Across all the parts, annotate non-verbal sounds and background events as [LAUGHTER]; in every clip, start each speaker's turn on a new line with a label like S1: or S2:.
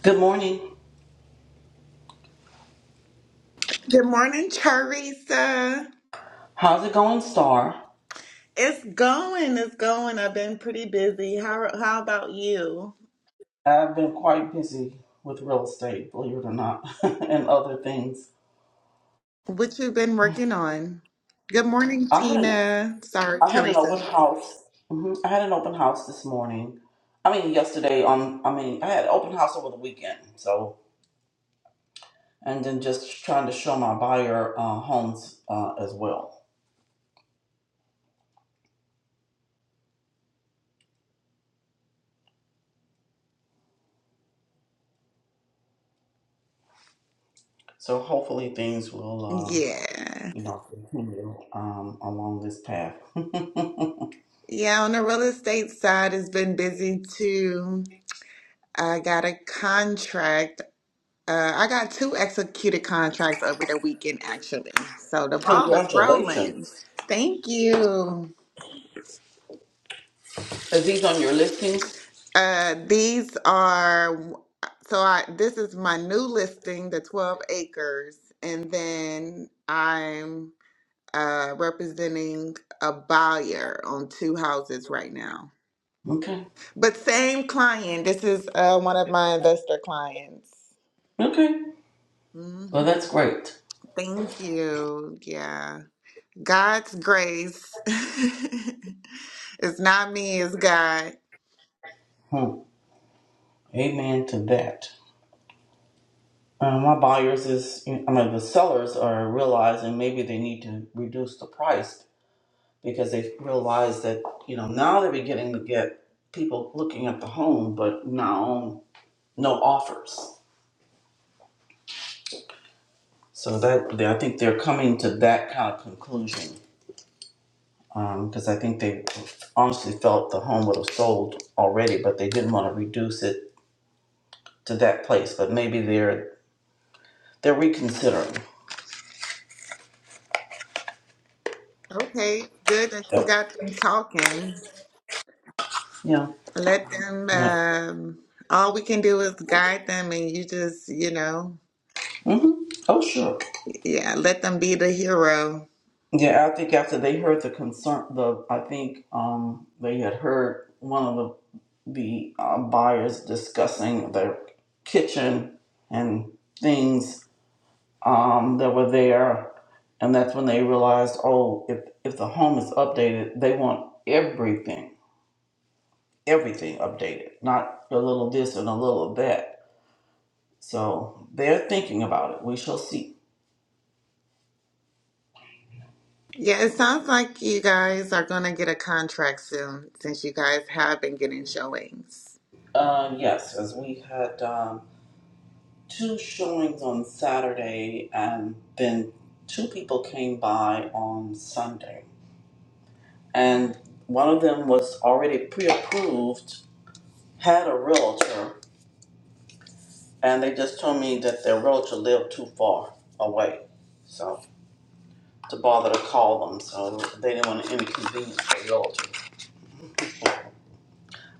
S1: Good morning.
S2: Good morning, Teresa.
S1: How's it going, Star?
S2: It's going, it's going. I've been pretty busy. How how about you?
S1: I've been quite busy with real estate, believe it or not, [LAUGHS] and other things.
S2: What you been working on? Good morning,
S1: I had an
S2: Tina. Sorry,
S1: I had an
S2: Teresa.
S1: open house. hmm I had an open house this morning. I mean, yesterday. Um, I mean, I had an open house over the weekend. So, and then just trying to show my buyer uh, homes uh, as well. So hopefully things will, um,
S2: Yeah.
S1: you know, continue um, along this path. [LAUGHS]
S2: Yeah, on the real estate side, it's been busy too. I got a contract. Uh, I got two executed contracts over the weekend, actually. So the ball is rolling.
S1: Congratulations.
S2: Thank you.
S1: Is these on your listings?
S2: Uh, these are so I this is my new listing, the 12 acres, and then I'm uh representing a buyer on two houses right now.
S1: Okay.
S2: But same client. This is uh one of my investor clients.
S1: Okay. Well,
S2: Mhm.
S1: that's great.
S2: Thank you. Yeah. God's grace. [LAUGHS] It's not me, it's God.
S1: Hmm. Amen to that. Uh, my buyers is, I mean, the sellers are realizing maybe they need to reduce the price because they realize that, you know, now they're beginning to get people looking at the home, but now no offers. So that, they, I think they're coming to that kind of conclusion because I think they honestly felt the home would have sold already, but they didn't want to reduce it to that place. But maybe they're, they're reconsidering.
S2: Okay, good that you
S1: Yep.
S2: got them talking.
S1: Yeah.
S2: Let them,
S1: Yeah.
S2: um, all we can do is guide them and you just, you know,
S1: hmm Oh, sure.
S2: yeah, let them be the hero.
S1: Yeah, I think after they heard the concern, the I think um they had heard one of the the uh, buyers discussing their kitchen and things um that were there, and that's when they realized, oh, if if the home is updated, they want everything, everything updated, not a little this and a little that. So they're thinking about it. We shall see.
S2: Yeah, it sounds like you guys are going to get a contract soon since you guys have been getting showings.
S1: Uh, yes, as we had. Um, two showings on Saturday, and then two people came by on Sunday. And one of them was already pre approved, had a realtor, and they just told me that their realtor lived too far away. So, to bother to call them, so they didn't want to inconvenience their realtor.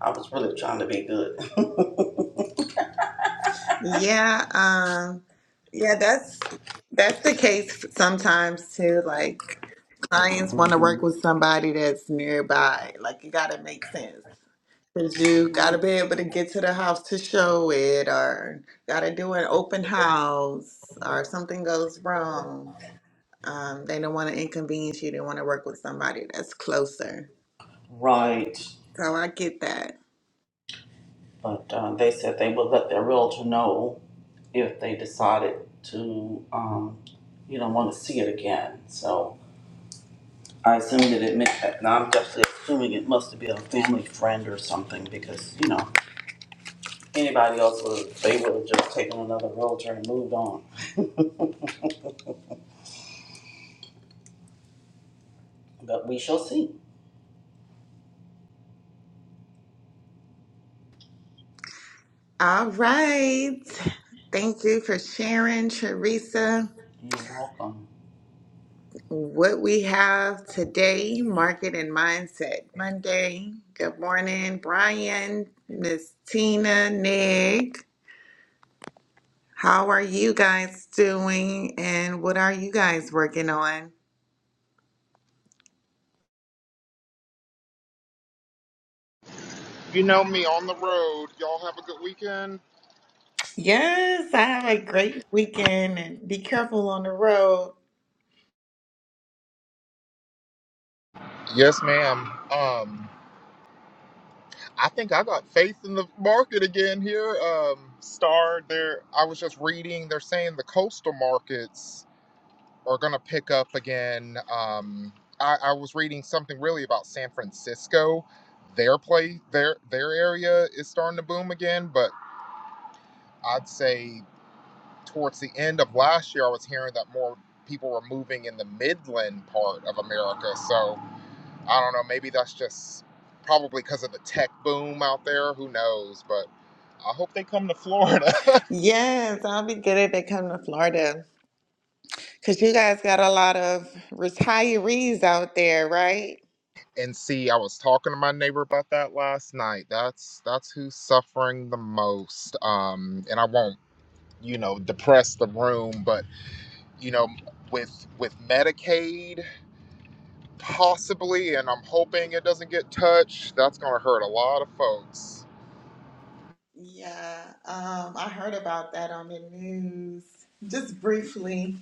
S1: I was really trying to be good. [LAUGHS]
S2: Yeah, um, yeah, that's that's the case sometimes too. Like clients want to work
S1: Mhm.
S2: with somebody that's nearby. Like you got to make sense. Cause you gotta be able to get to the house to show it, or gotta do an open house, or something goes wrong. Um, they don't want to inconvenience you. They want to work with somebody that's closer.
S1: Right.
S2: So I get that.
S1: But uh, they said they would let their realtor know if they decided to, um, you know, want to see it again. So I assumed that it meant that, Now I'm definitely assuming it must be a family friend or something because, you know, anybody else would, they would have just taken another realtor and moved on. But we shall see.
S2: All right. Thank you for sharing, Teresa.
S1: You're welcome.
S2: What we have today, Market and Mindset Monday. Good morning, Brian, Miss Tina, Nick. How are you guys doing and what are you guys working on?
S3: You know me on the road. Y'all have a good weekend.
S2: Yes, I have a great weekend and be careful on the road.
S3: Yes, ma'am. Um, I think I got faith in the market again here. Um, Star, there. I was just reading. They're saying the coastal markets are gonna pick up again. Um, I, I was reading something really about San Francisco. Their play, their their area is starting to boom again. But I'd say towards the end of last year, I was hearing that more people were moving in the Midland part of America. So. I don't know. Maybe that's just probably because of the tech boom out there. Who knows? But I hope they come to Florida
S2: Yes, I'll be good if they come to Florida because you guys got a lot of retirees out there, right?
S3: [LAUGHS] and see. I was talking to my neighbor about that last night. That's that's who's suffering the most. Um, and I won't, you know, depress the room, but you know, with with Medicaid possibly, and I'm hoping it doesn't get touched. That's gonna hurt a lot of folks.
S2: Yeah, um, I heard about that on the news just briefly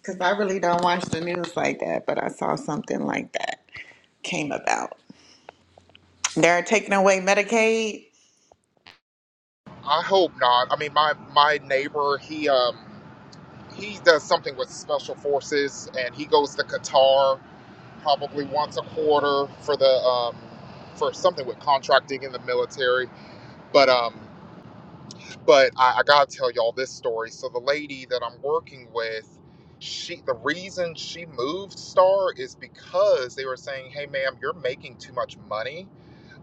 S2: because I really don't watch the news like that, but I saw something like that came about. They're taking away Medicaid.
S3: I hope not. I mean, my my neighbor, he um. he does something with special forces, and he goes to Qatar probably once a quarter for the um, for something with contracting in the military. But um, but I, I gotta tell y'all this story. So the lady that I'm working with, she the reason she moved Star is because they were saying, "Hey, ma'am, you're making too much money."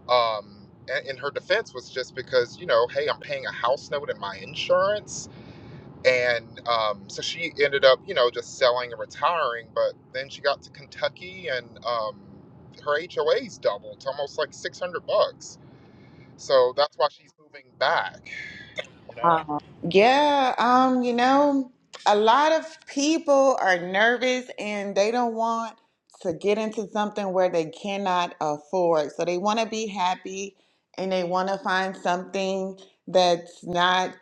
S3: Um, and, and her defense was just because you know, hey, I'm paying a house note and my insurance and um, so she ended up you know just selling and retiring but then she got to kentucky and um, her hoa's doubled to almost like 600 bucks so that's why she's moving back you know
S2: Um, yeah, um, you know, a lot of people are nervous and they don't want to get into something where they cannot afford. So they want to be happy and they want to find something that's not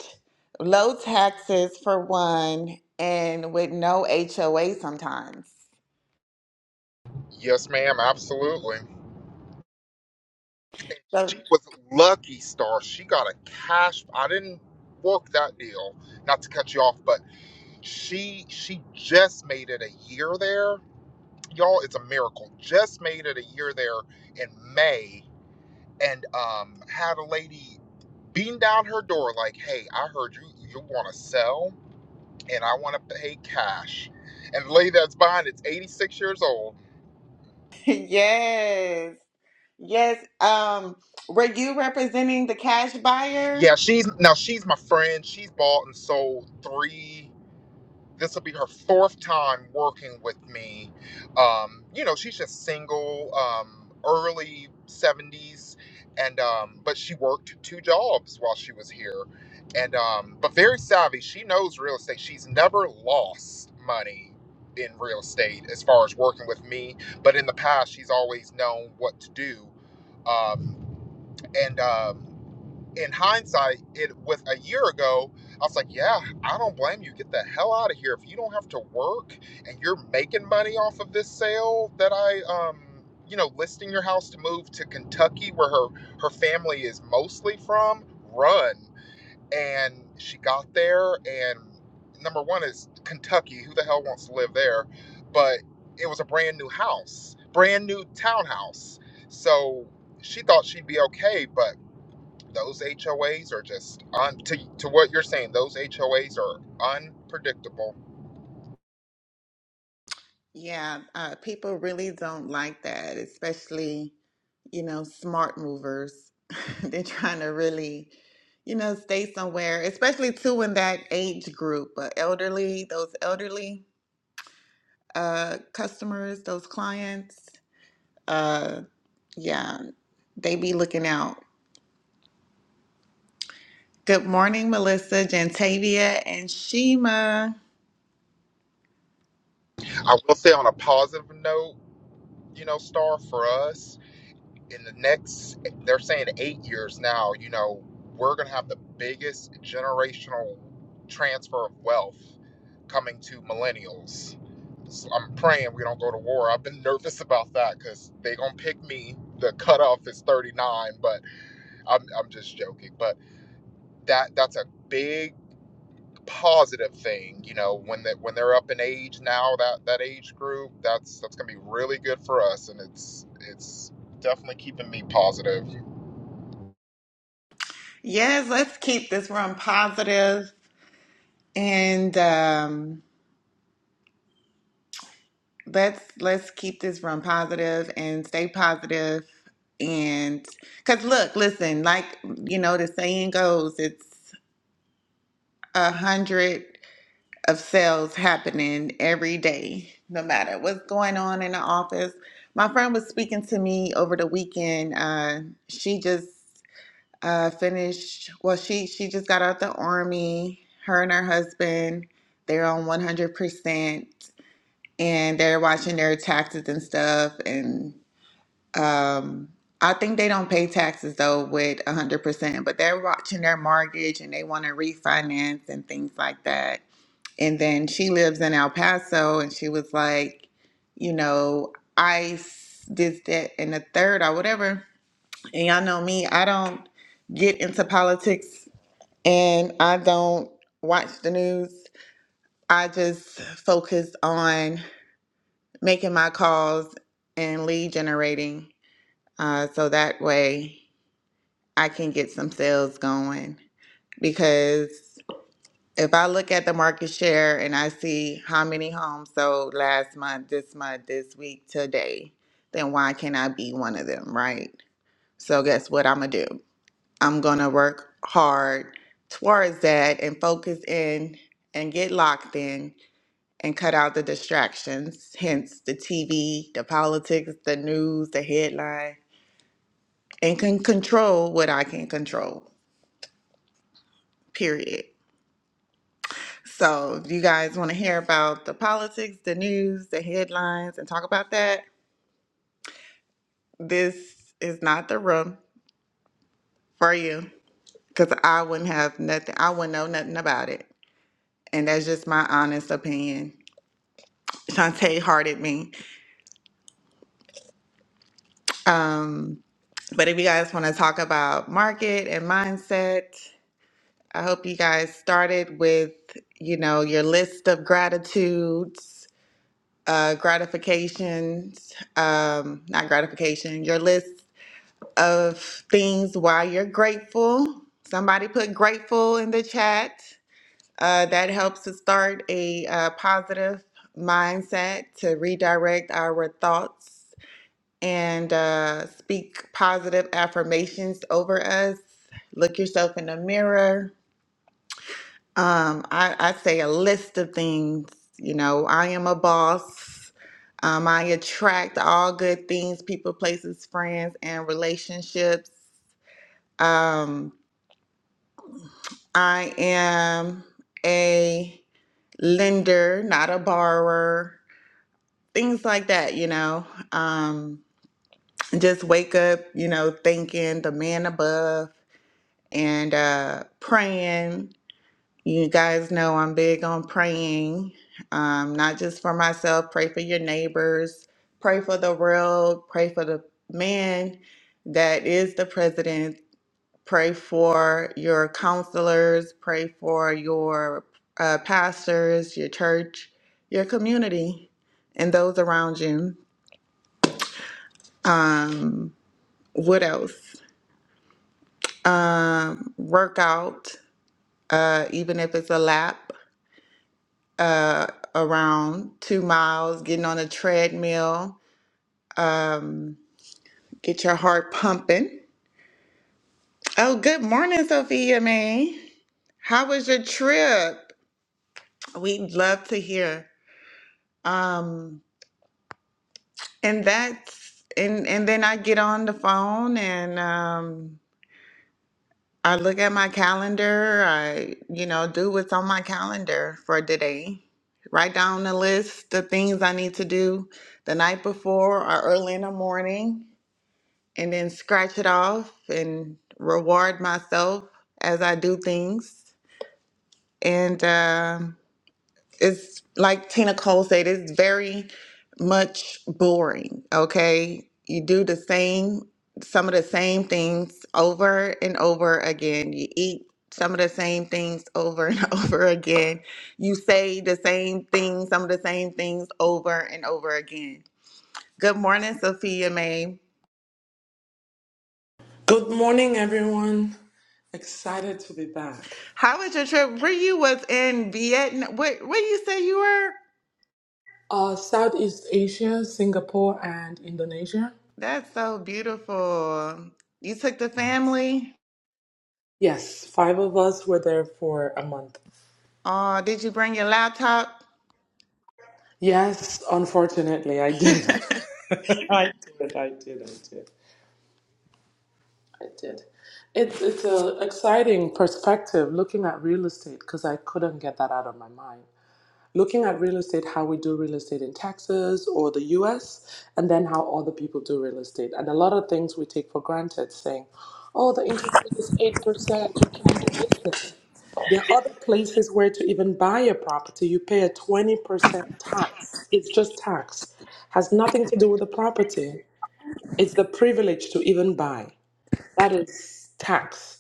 S2: low taxes for one and with no HOA sometimes.
S3: yes ma'am absolutely
S2: So,
S3: she was lucky star she got a cash i didn't work that deal not to cut you off but she she just made it a year there y'all it's a miracle just made it a year there in may and um, had a lady beating down her door like, "Hey, I heard you you want to sell, and I want to pay cash." And the lady that's buying it's 86 years old.
S2: [LAUGHS] yes, yes. Um, were you representing the cash
S3: Yeah,
S2: buyer?
S3: she's now she's my friend. She's bought and sold three. this will be her fourth time working with me. Um, you know, she's just single, um, early 70s, and um, but she worked two jobs while she was here, and um, but very savvy. She knows real estate. She's never lost money in real estate as far as working with me, but in the past, she's always known what to do. Um, and um in hindsight, it with a year ago, I was like, yeah, I don't blame you. Get the hell out of here. If you don't have to work and you're making money off of this sale that I um you know, listing your house to move to Kentucky where her her family is mostly from, run. And she got there and number one is Kentucky. Who the hell wants to live there? But it was a brand new house, brand new townhouse. So she thought she'd be okay, but those HOAs are just un- to, to what you're saying. Those HOAs are unpredictable.
S2: Yeah, uh, people really don't like that, especially, you know, smart movers. [LAUGHS] They're trying to really, you know, stay somewhere, especially too in that age group, uh, elderly, those elderly uh, customers, those clients. Uh, yeah, they be looking out. Good morning, Melissa, Jantavia, and Shima.
S3: I will say on a positive note, you know, Star for us in the next, they're saying eight years now. You know, we're gonna have the biggest generational transfer of wealth coming to millennials. So I'm praying we don't go to war. I've been nervous about that because they gonna pick me. The cutoff is 39, but I'm I'm just joking. But that that's a big positive thing. You know, when that when they're up in age now, that that age group, that's that's gonna be really good for us, and it's it's definitely keeping me positive.
S2: Yes, let's keep this room positive and um, let's let's keep this run positive and stay positive and because look listen like you know the saying goes it's a hundred of sales happening every day no matter what's going on in the office my friend was speaking to me over the weekend uh, she just uh, finished well she she just got out the army her and her husband they're on 100% and they're watching their taxes and stuff. And um, I think they don't pay taxes though with 100%, but they're watching their mortgage and they want to refinance and things like that. And then she lives in El Paso and she was like, you know, ICE, this, that, and the third or whatever. And y'all know me, I don't get into politics and I don't watch the news. I just focus on making my calls and lead generating uh, so that way I can get some sales going. Because if I look at the market share and I see how many homes sold last month, this month, this week, today, then why can't I be one of them, right? So, guess what I'm going to do? I'm going to work hard towards that and focus in and get locked in and cut out the distractions, hence the TV, the politics, the news, the headline, and can control what I can control, period. So, if you guys want to hear about the politics, the news, the headlines, and talk about that, this is not the room for you because I wouldn't have nothing, I wouldn't know nothing about it. And that's just my honest opinion. Shantae hearted me. Um, but if you guys want to talk about market and mindset, I hope you guys started with, you know, your list of gratitudes, uh, gratifications, um, not gratification, your list of things why you're grateful. Somebody put grateful in the chat. Uh, that helps to start a uh, positive mindset to redirect our thoughts and uh, speak positive affirmations over us. Look yourself in the mirror Um, I, I say a list of things. You know, I am a boss. Um, I attract all good things, people, places, friends, and relationships. Um, I am a lender, not a borrower. Things like that, you know. Um, just wake up, you know, thinking the man above and uh, praying You guys know I'm big on praying, um, not just for myself, pray for your neighbors, pray for the world, pray for the man that is the president, pray for your counselors, pray for your uh, pastors, your church, your community, and those around you. Um, what else? Um, workout, uh, even if it's a lap around two miles, getting on a treadmill, um, get your heart pumping. Oh, good morning, Sophia May. How was your trip? We'd love to hear. Um, and that's and and then I get on the phone and um I look at my calendar. I, you know, do what's on my calendar for today. Write down the list, the things I need to do the night before or early in the morning and then scratch it off and reward myself as I do things. And um it's like Tina Cole said, it's very much boring. Okay, you do the same, some of the same things over and over again. You eat some of the same things over and [LAUGHS] over again. You say the same things, some of the same things over and over again. Good morning, Sophia Mae.
S4: Good morning, everyone. Excited to be back.
S2: How was your trip? Where you was in Vietnam? What? Where you say you were?
S4: Uh, Southeast Asia, Singapore, and Indonesia.
S2: That's so beautiful. You took the family.
S4: Yes, five of us were there for a month.
S2: Oh, did you bring your laptop?
S4: Yes, unfortunately, I did. [LAUGHS] I did. I did. I did. I did. It's it's an exciting perspective looking at real estate because I couldn't get that out of my mind. looking at real estate, how we do real estate in Texas or the US, and then how other people do real estate. And a lot of things we take for granted, saying, oh, the interest rate is 8%, you can't do business. There are other places where to even buy a property, you pay a 20% tax. It's just tax, has nothing to do with the property. It's the privilege to even buy. That is tax.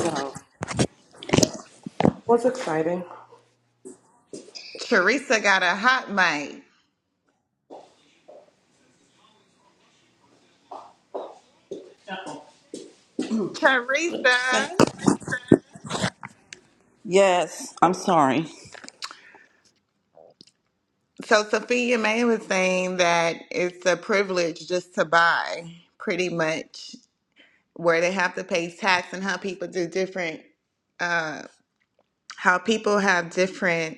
S4: So, what's exciting?
S2: Teresa got a hot mic.
S1: What did you say?
S2: Teresa.
S1: Yes, I'm sorry.
S2: So Sophia May was saying that it's a privilege just to buy, pretty much, where they have to pay tax and how people do different. Uh, how people have different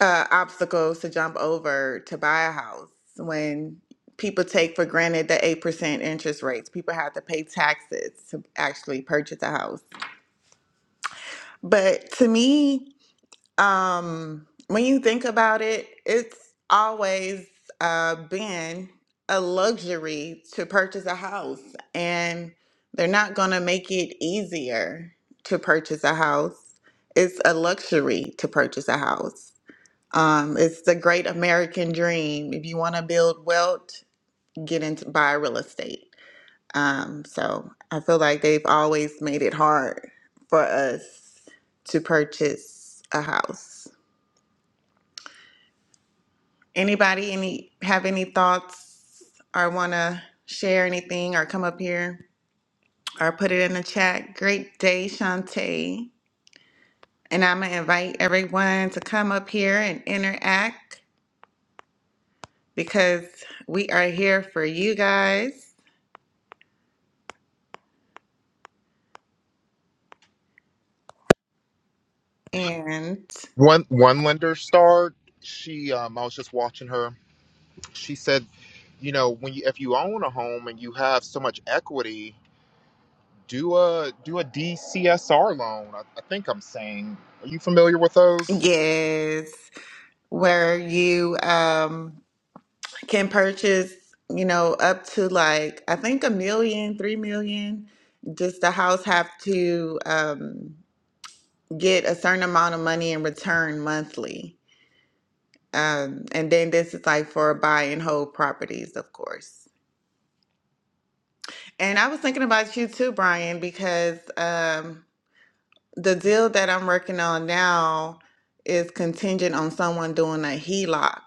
S2: uh, obstacles to jump over to buy a house when people take for granted the 8% interest rates. People have to pay taxes to actually purchase a house. But to me, um, when you think about it, it's always uh, been a luxury to purchase a house, and they're not going to make it easier to purchase a house. It's a luxury to purchase a house. Um, it's the great American dream. If you want to build wealth, get into buy real estate. Um, so I feel like they've always made it hard for us to purchase a house. Anybody any have any thoughts or want to share anything or come up here or put it in the chat? Great day, Shantae. And I'm going to invite everyone to come up here and interact because we are here for you guys. And
S3: One one lender star, she um, I was just watching her. She said, you know, when you if you own a home and you have so much equity, do a do a DCSR loan. I, I think I'm saying. Are you familiar with those?
S2: yes, where you um can purchase, you know, up to like I think a million, three million. Just the house have to um get a certain amount of money in return monthly. Um, and then this is like for buy and hold properties, of course. And I was thinking about you too, Brian, because um the deal that I'm working on now is contingent on someone doing a HELOC.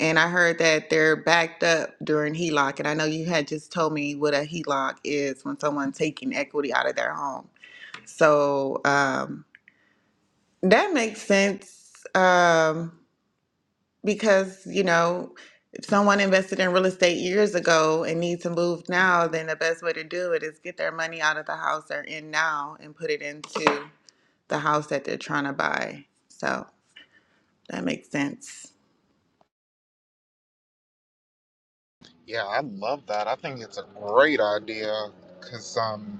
S2: And I heard that they're backed up during HELOC. And I know you had just told me what a HELOC is when someone taking equity out of their home. So um, that makes sense um, because, you know, if someone invested in real estate years ago and needs to move now, then the best way to do it is get their money out of the house they're in now and put it into the house that they're trying to buy. So that makes sense.
S3: Yeah, I love that. I think it's a great idea because um,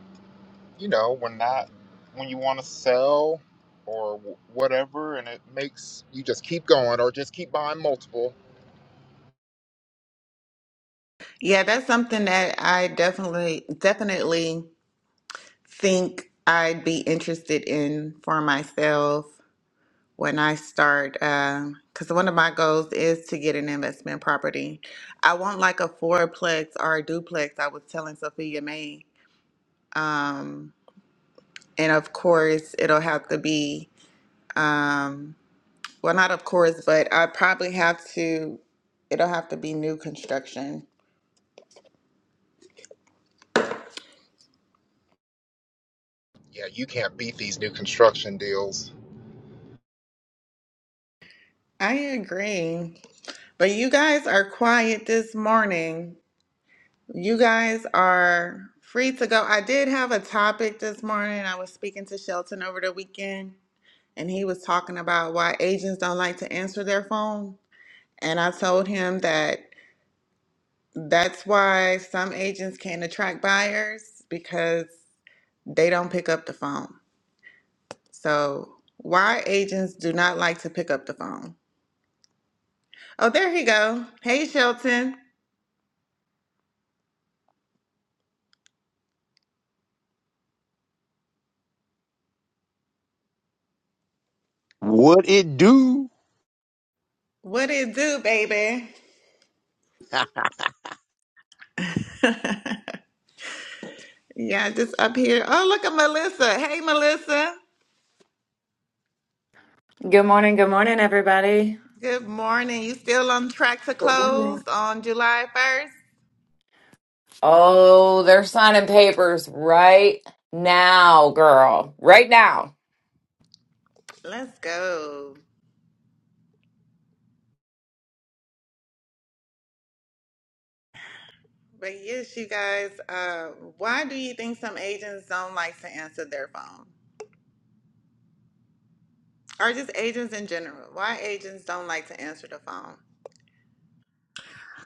S3: you know when not when you want to sell or wh- whatever and it makes you just keep going or just keep buying multiple
S2: Yeah, that's something that I definitely definitely think I'd be interested in for myself when I start. Because one of my goals is to get an investment property. I want like a fourplex or a duplex. I was telling Sophia May, um, and of course it'll have to be. Um, well, not of course, but I probably have to. It'll have to be new construction
S3: yeah you can't beat these new construction deals
S2: I agree. But you guys are quiet this morning. You guys are free to go. I did have a topic this morning. I was speaking to Shelton over the weekend, and he was talking about why agents don't like to answer their phone. And I told him that that's why some agents can't attract buyers because they don't pick up the phone. So, why agents do not like to pick up the phone? Oh, there he go. Hey, Shelton.
S5: What it do?
S2: What it do, baby? Yeah, just up here. Oh, look at Melissa. Hey, Melissa.
S6: Good morning, good morning, everybody.
S2: Good morning. You still on track to close on July 1st?
S6: Oh, they're signing papers right now, girl. Right now.
S2: Let's go. But yes, you guys, uh, why do you think some agents don't like to answer their phone? Or just agents in general? Why agents don't like to answer the phone?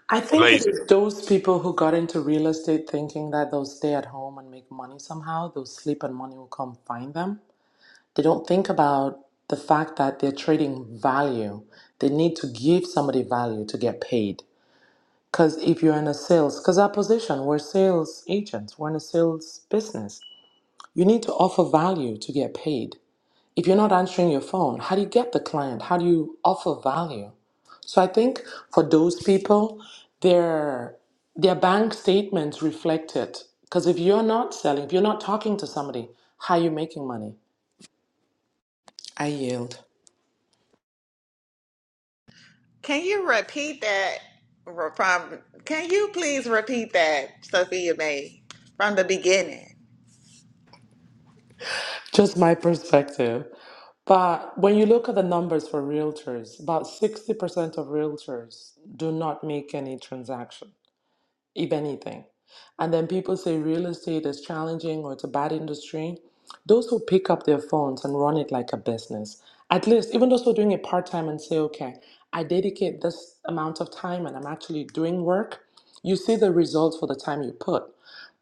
S4: I think it
S5: Amazing.
S4: is those people who got into real estate thinking that they'll stay at home and make money somehow, they'll sleep and money will come find them. They don't think about the fact that they're trading value. They need to give somebody value to get paid. Because if you're in a sales, because our position, we're sales agents, we're in a sales business. You need to offer value to get paid. If you're not answering your phone, how do you get the client? How do you offer value? So I think for those people, their their bank statements reflect it. Because if you're not selling, if you're not talking to somebody, how are you making money? I yield.
S2: Can you repeat that? re- From can you please repeat that, Sophia May, from the beginning
S4: Just my perspective. But when you look at the numbers for realtors, about 60% of realtors do not make any transaction. if anything. And then people say real estate is challenging or it's a bad industry. Those who pick up their phones and run it like a business, at least, even those who are doing it part time and say, okay, I dedicate this amount of time and I'm actually doing work, you see the results for the time you put.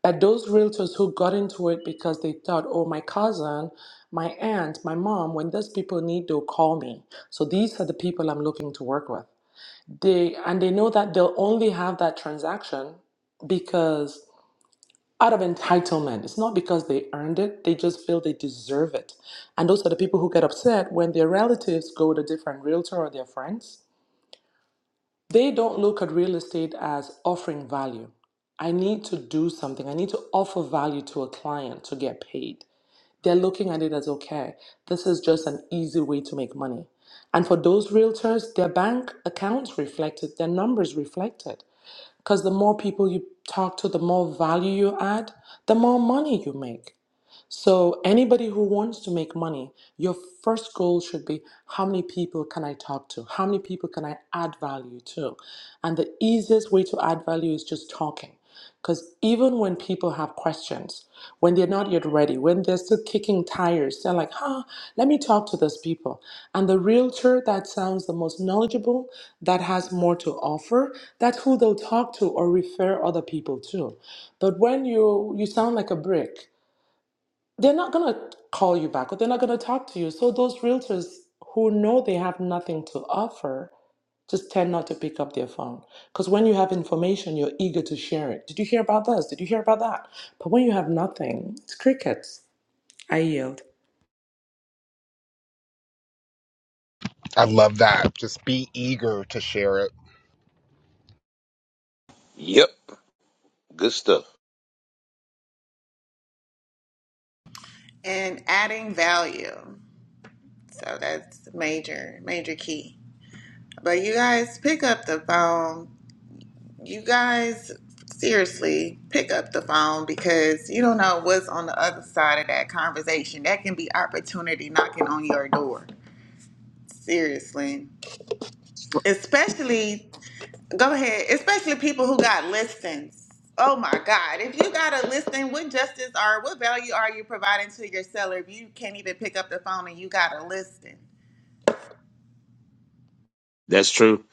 S4: But those realtors who got into it because they thought, oh, my cousin, my aunt, my mom, when those people need, they'll call me. So these are the people I'm looking to work with. They and they know that they'll only have that transaction because out of entitlement. It's not because they earned it, they just feel they deserve it. And those are the people who get upset when their relatives go with a different realtor or their friends. They don't look at real estate as offering value. I need to do something. I need to offer value to a client to get paid. They're looking at it as okay, this is just an easy way to make money. And for those realtors, their bank accounts reflect it, their numbers reflect it. Because the more people you talk to, the more value you add, the more money you make. So, anybody who wants to make money, your first goal should be how many people can I talk to? How many people can I add value to? And the easiest way to add value is just talking. Because even when people have questions, when they're not yet ready, when they're still kicking tires, they're like, huh, let me talk to those people. And the realtor that sounds the most knowledgeable, that has more to offer, that's who they'll talk to or refer other people to. But when you you sound like a brick, they're not going to call you back or they're not going to talk to you. So those realtors who know they have nothing to offer just tend not to pick up their phone because when you have information, you're eager to share it. Did you hear about this? Did you hear about that? But when you have nothing, it's crickets. I yield.
S3: i love that just be eager to share it
S5: Yep. Good stuff.
S2: and adding value. So that's major, major key. But you guys pick up the phone. you guys seriously pick up the phone because you don't know what's on the other side of that conversation. That can be opportunity knocking on your door. Seriously. Especially go ahead, especially people who got listings. Oh my God. If you got a listing, what justice or what value are you providing to your seller if you can't even pick up the phone and you got a listing?
S5: That's true.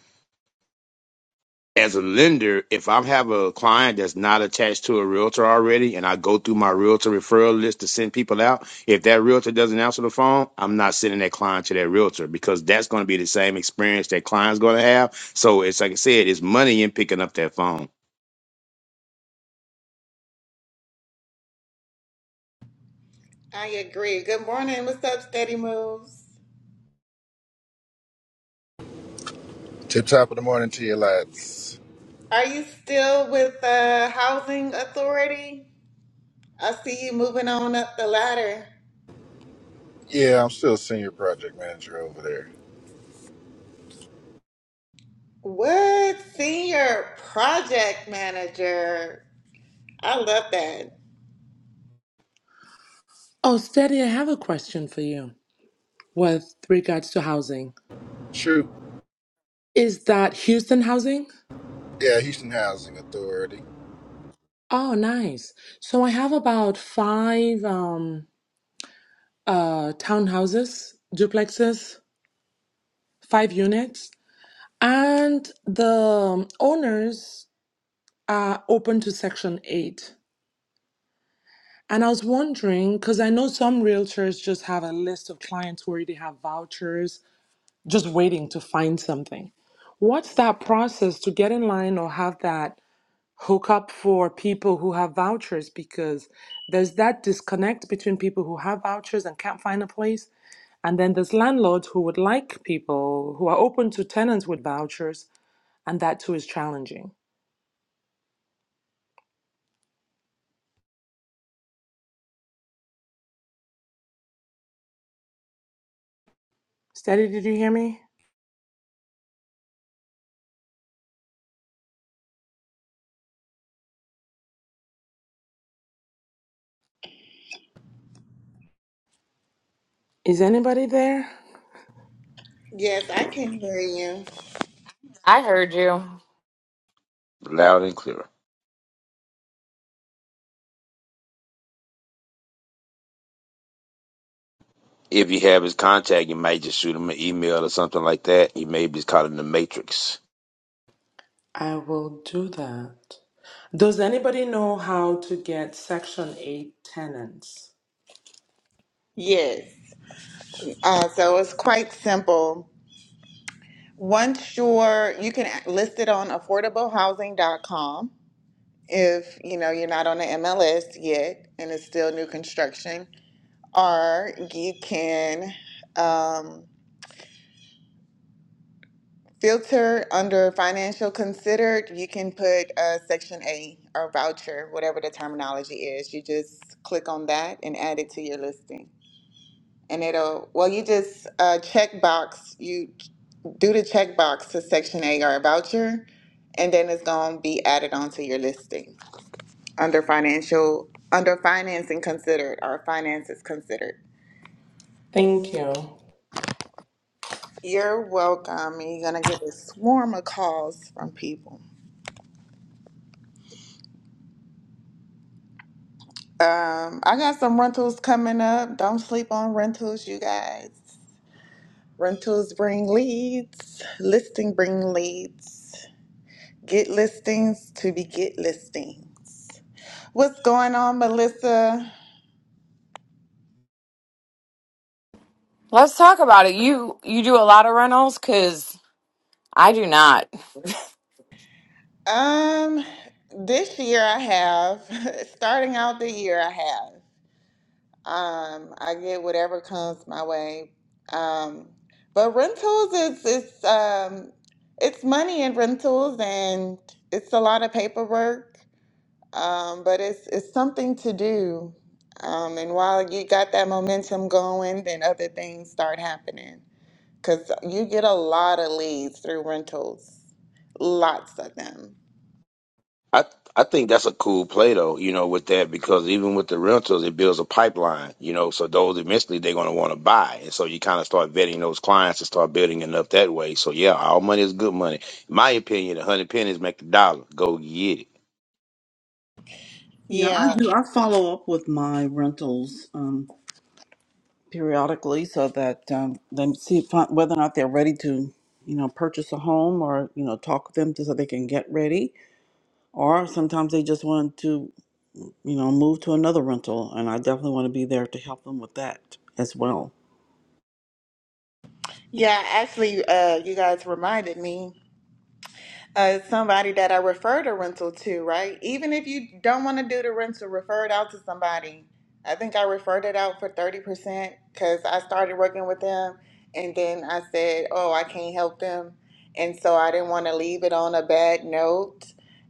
S5: As a lender, if I have a client that's not attached to a realtor already and I go through my realtor referral list to send people out, if that realtor doesn't answer the phone, I'm not sending that client to that realtor because that's going to be the same experience that client's going to have. So it's like I said, it's money in picking up that phone.
S2: I agree. Good morning. What's up, Steady Moves?
S7: Tip top of the morning to you, lads.
S2: Are you still with the housing authority? I see you moving on up the ladder.
S7: Yeah, I'm still senior project manager over there.
S2: What senior project manager? I love that.
S4: Oh, Steady, I have a question for you with regards to housing.
S7: Shoot.
S4: Is that Houston housing?
S7: Yeah, Houston Housing Authority.
S4: Oh, nice. So I have about five um, uh, townhouses, duplexes, five units And the um, owners are open to Section 8. And I was wondering, because I know some realtors just have a list of clients who already have vouchers, just waiting to find something. What's that process to get in line or have that hookup for people who have vouchers? Because there's that disconnect between people who have vouchers and can't find a place. And then there's landlords who would like people who are open to tenants with vouchers, and that too is challenging. Steady, did you hear me? Is anybody there?
S2: Yes, I can hear you.
S6: I heard you.
S5: Loud and clear. If you have his contact, you might just shoot him an email or something like that. He may be caught in the matrix.
S4: I will do that. Does anybody know how to get Section 8 tenants?
S2: Yes. Uh, so it's quite simple. Once you're, you can list it on affordablehousing.com if you know you're not on the MLS yet and it's still new construction, or you can. um, Filter under financial considered, you can put uh, section A or voucher, whatever the terminology is. You just click on that and add it to your listing. And it'll, well, you just uh, check box, you do the check box to section A or a voucher, and then it's going to be added onto your listing under financial, under financing considered or finances considered.
S4: Thank you.
S2: You're welcome. And you're going to get a swarm of calls from people. Um, I got some rentals coming up. Don't sleep on rentals, you guys. Rentals bring leads, listing bring leads. Get listings to be get listings. What's going on, Melissa?
S6: Let's talk about it. You you do a lot of rentals cuz I do not.
S2: Um, this year I have, [LAUGHS] starting out the year I have. Um, I get whatever comes my way. Um, but rentals is it's um it's money in rentals and it's a lot of paperwork. Um, but it's it's something to do. Um, and while you got that momentum going, then other things start happening. Cause you get a lot of leads through rentals. Lots of them.
S5: I I think that's a cool play though, you know, with that because even with the rentals, it builds a pipeline, you know. So those eventually they're going to want to buy, and so you kind of start vetting those clients and start building enough that way. So yeah, all money is good money. In my opinion, a hundred pennies make a dollar. Go get it.
S1: Yeah, I
S2: Yeah.
S1: do. I follow up with my rentals. Um, periodically so that um, they see if, whether or not they're ready to, you know, purchase a home or you know talk with them to, so they can get ready. Or sometimes they just want to, you know, move to another rental, and I definitely want to be there to help them with that as well.
S2: Yeah, actually, uh, you guys reminded me. uh, somebody that I referred a rental to, right? Even if you don't want to do the rental, refer it out to somebody. I think I referred it out for 30% because I started working with them and then I said, oh, I can't help them. And so I didn't want to leave it on a bad note.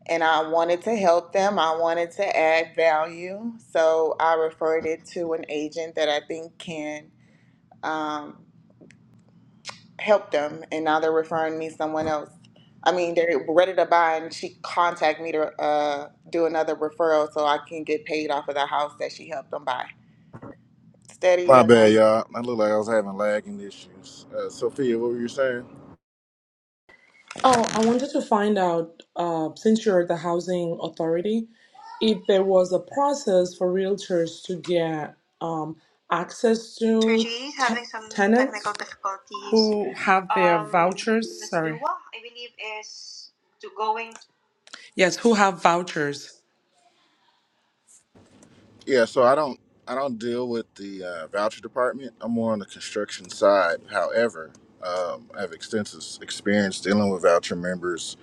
S2: And I wanted to help them, I wanted to add value. So I referred it to an agent that I think can. um, helped them and now they're referring me someone else i mean they're ready to buy and she contact me to uh, do another referral so i can get paid off of the house that she helped them buy steady
S7: My
S2: and
S7: bad,
S2: like
S7: y'all. I look like I was having lagging issues. Uh, Sophia, what were you saying?
S4: Oh, I wanted to find out, uh, since you're the housing authority, if there was a process for realtors to get um, access to Mr. G is te- some tenants technical difficulties. who have their Um, vouchers. Mr. Sorry. Wah, I believe is to going. Yes, who have vouchers.
S7: Yeah, so I don't, I don't deal with the uh, voucher department. I'm more on the construction side. However, um, I have extensive experience dealing with voucher members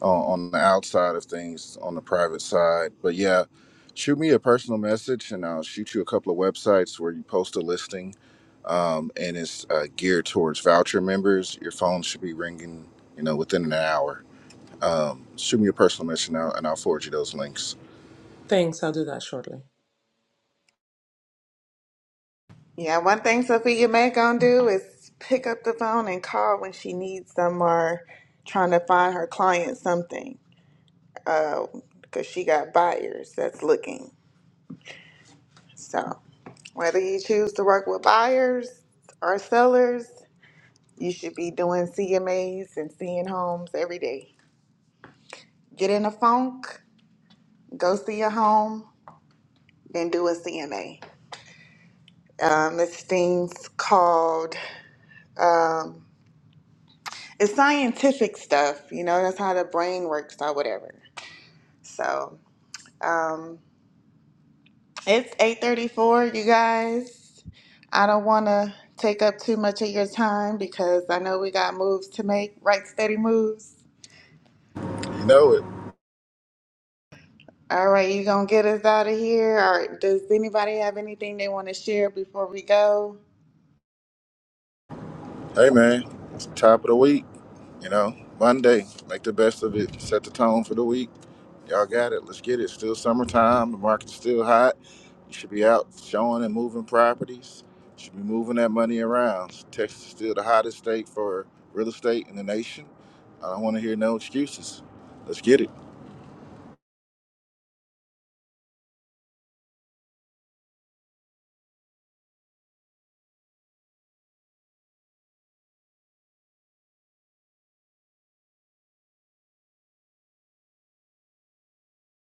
S7: on, on the outside of things, on the private side. But yeah, shoot me a personal message, and I'll shoot you a couple of websites where you post a listing um, and it's uh, geared towards voucher members. Your phone should be ringing, you know, within an hour. Um, shoot me a personal message now, and I'll forward you those links.
S4: Thanks. I'll do that shortly.
S2: yeah one thing sophia may gonna do is pick up the phone and call when she needs some or trying to find her client something Uh, because she got buyers that's looking so whether you choose to work with buyers or sellers You should be doing CMAs and seeing homes every day. Get in a funk, go see a home, then do a CMA. Um, this thing's called, um, it's scientific stuff, you know, that's how the brain works or whatever. So um, it's 8.34, you guys. I don't want to take up too much of your time because I know we got moves to make, right steady moves.
S7: You know it.
S2: All right, you gonna get us out of here? Or does anybody have anything they want to share before we go?
S7: Hey man, it's the top of the week. You know, Monday. Make the best of it. Set the tone for the week. Y'all got it. Let's get it. Still summertime. The market's still hot. You should be out showing and moving properties. You Should be moving that money around. Texas is still the hottest state for real estate in the nation. I don't want to hear no excuses. Let's get it.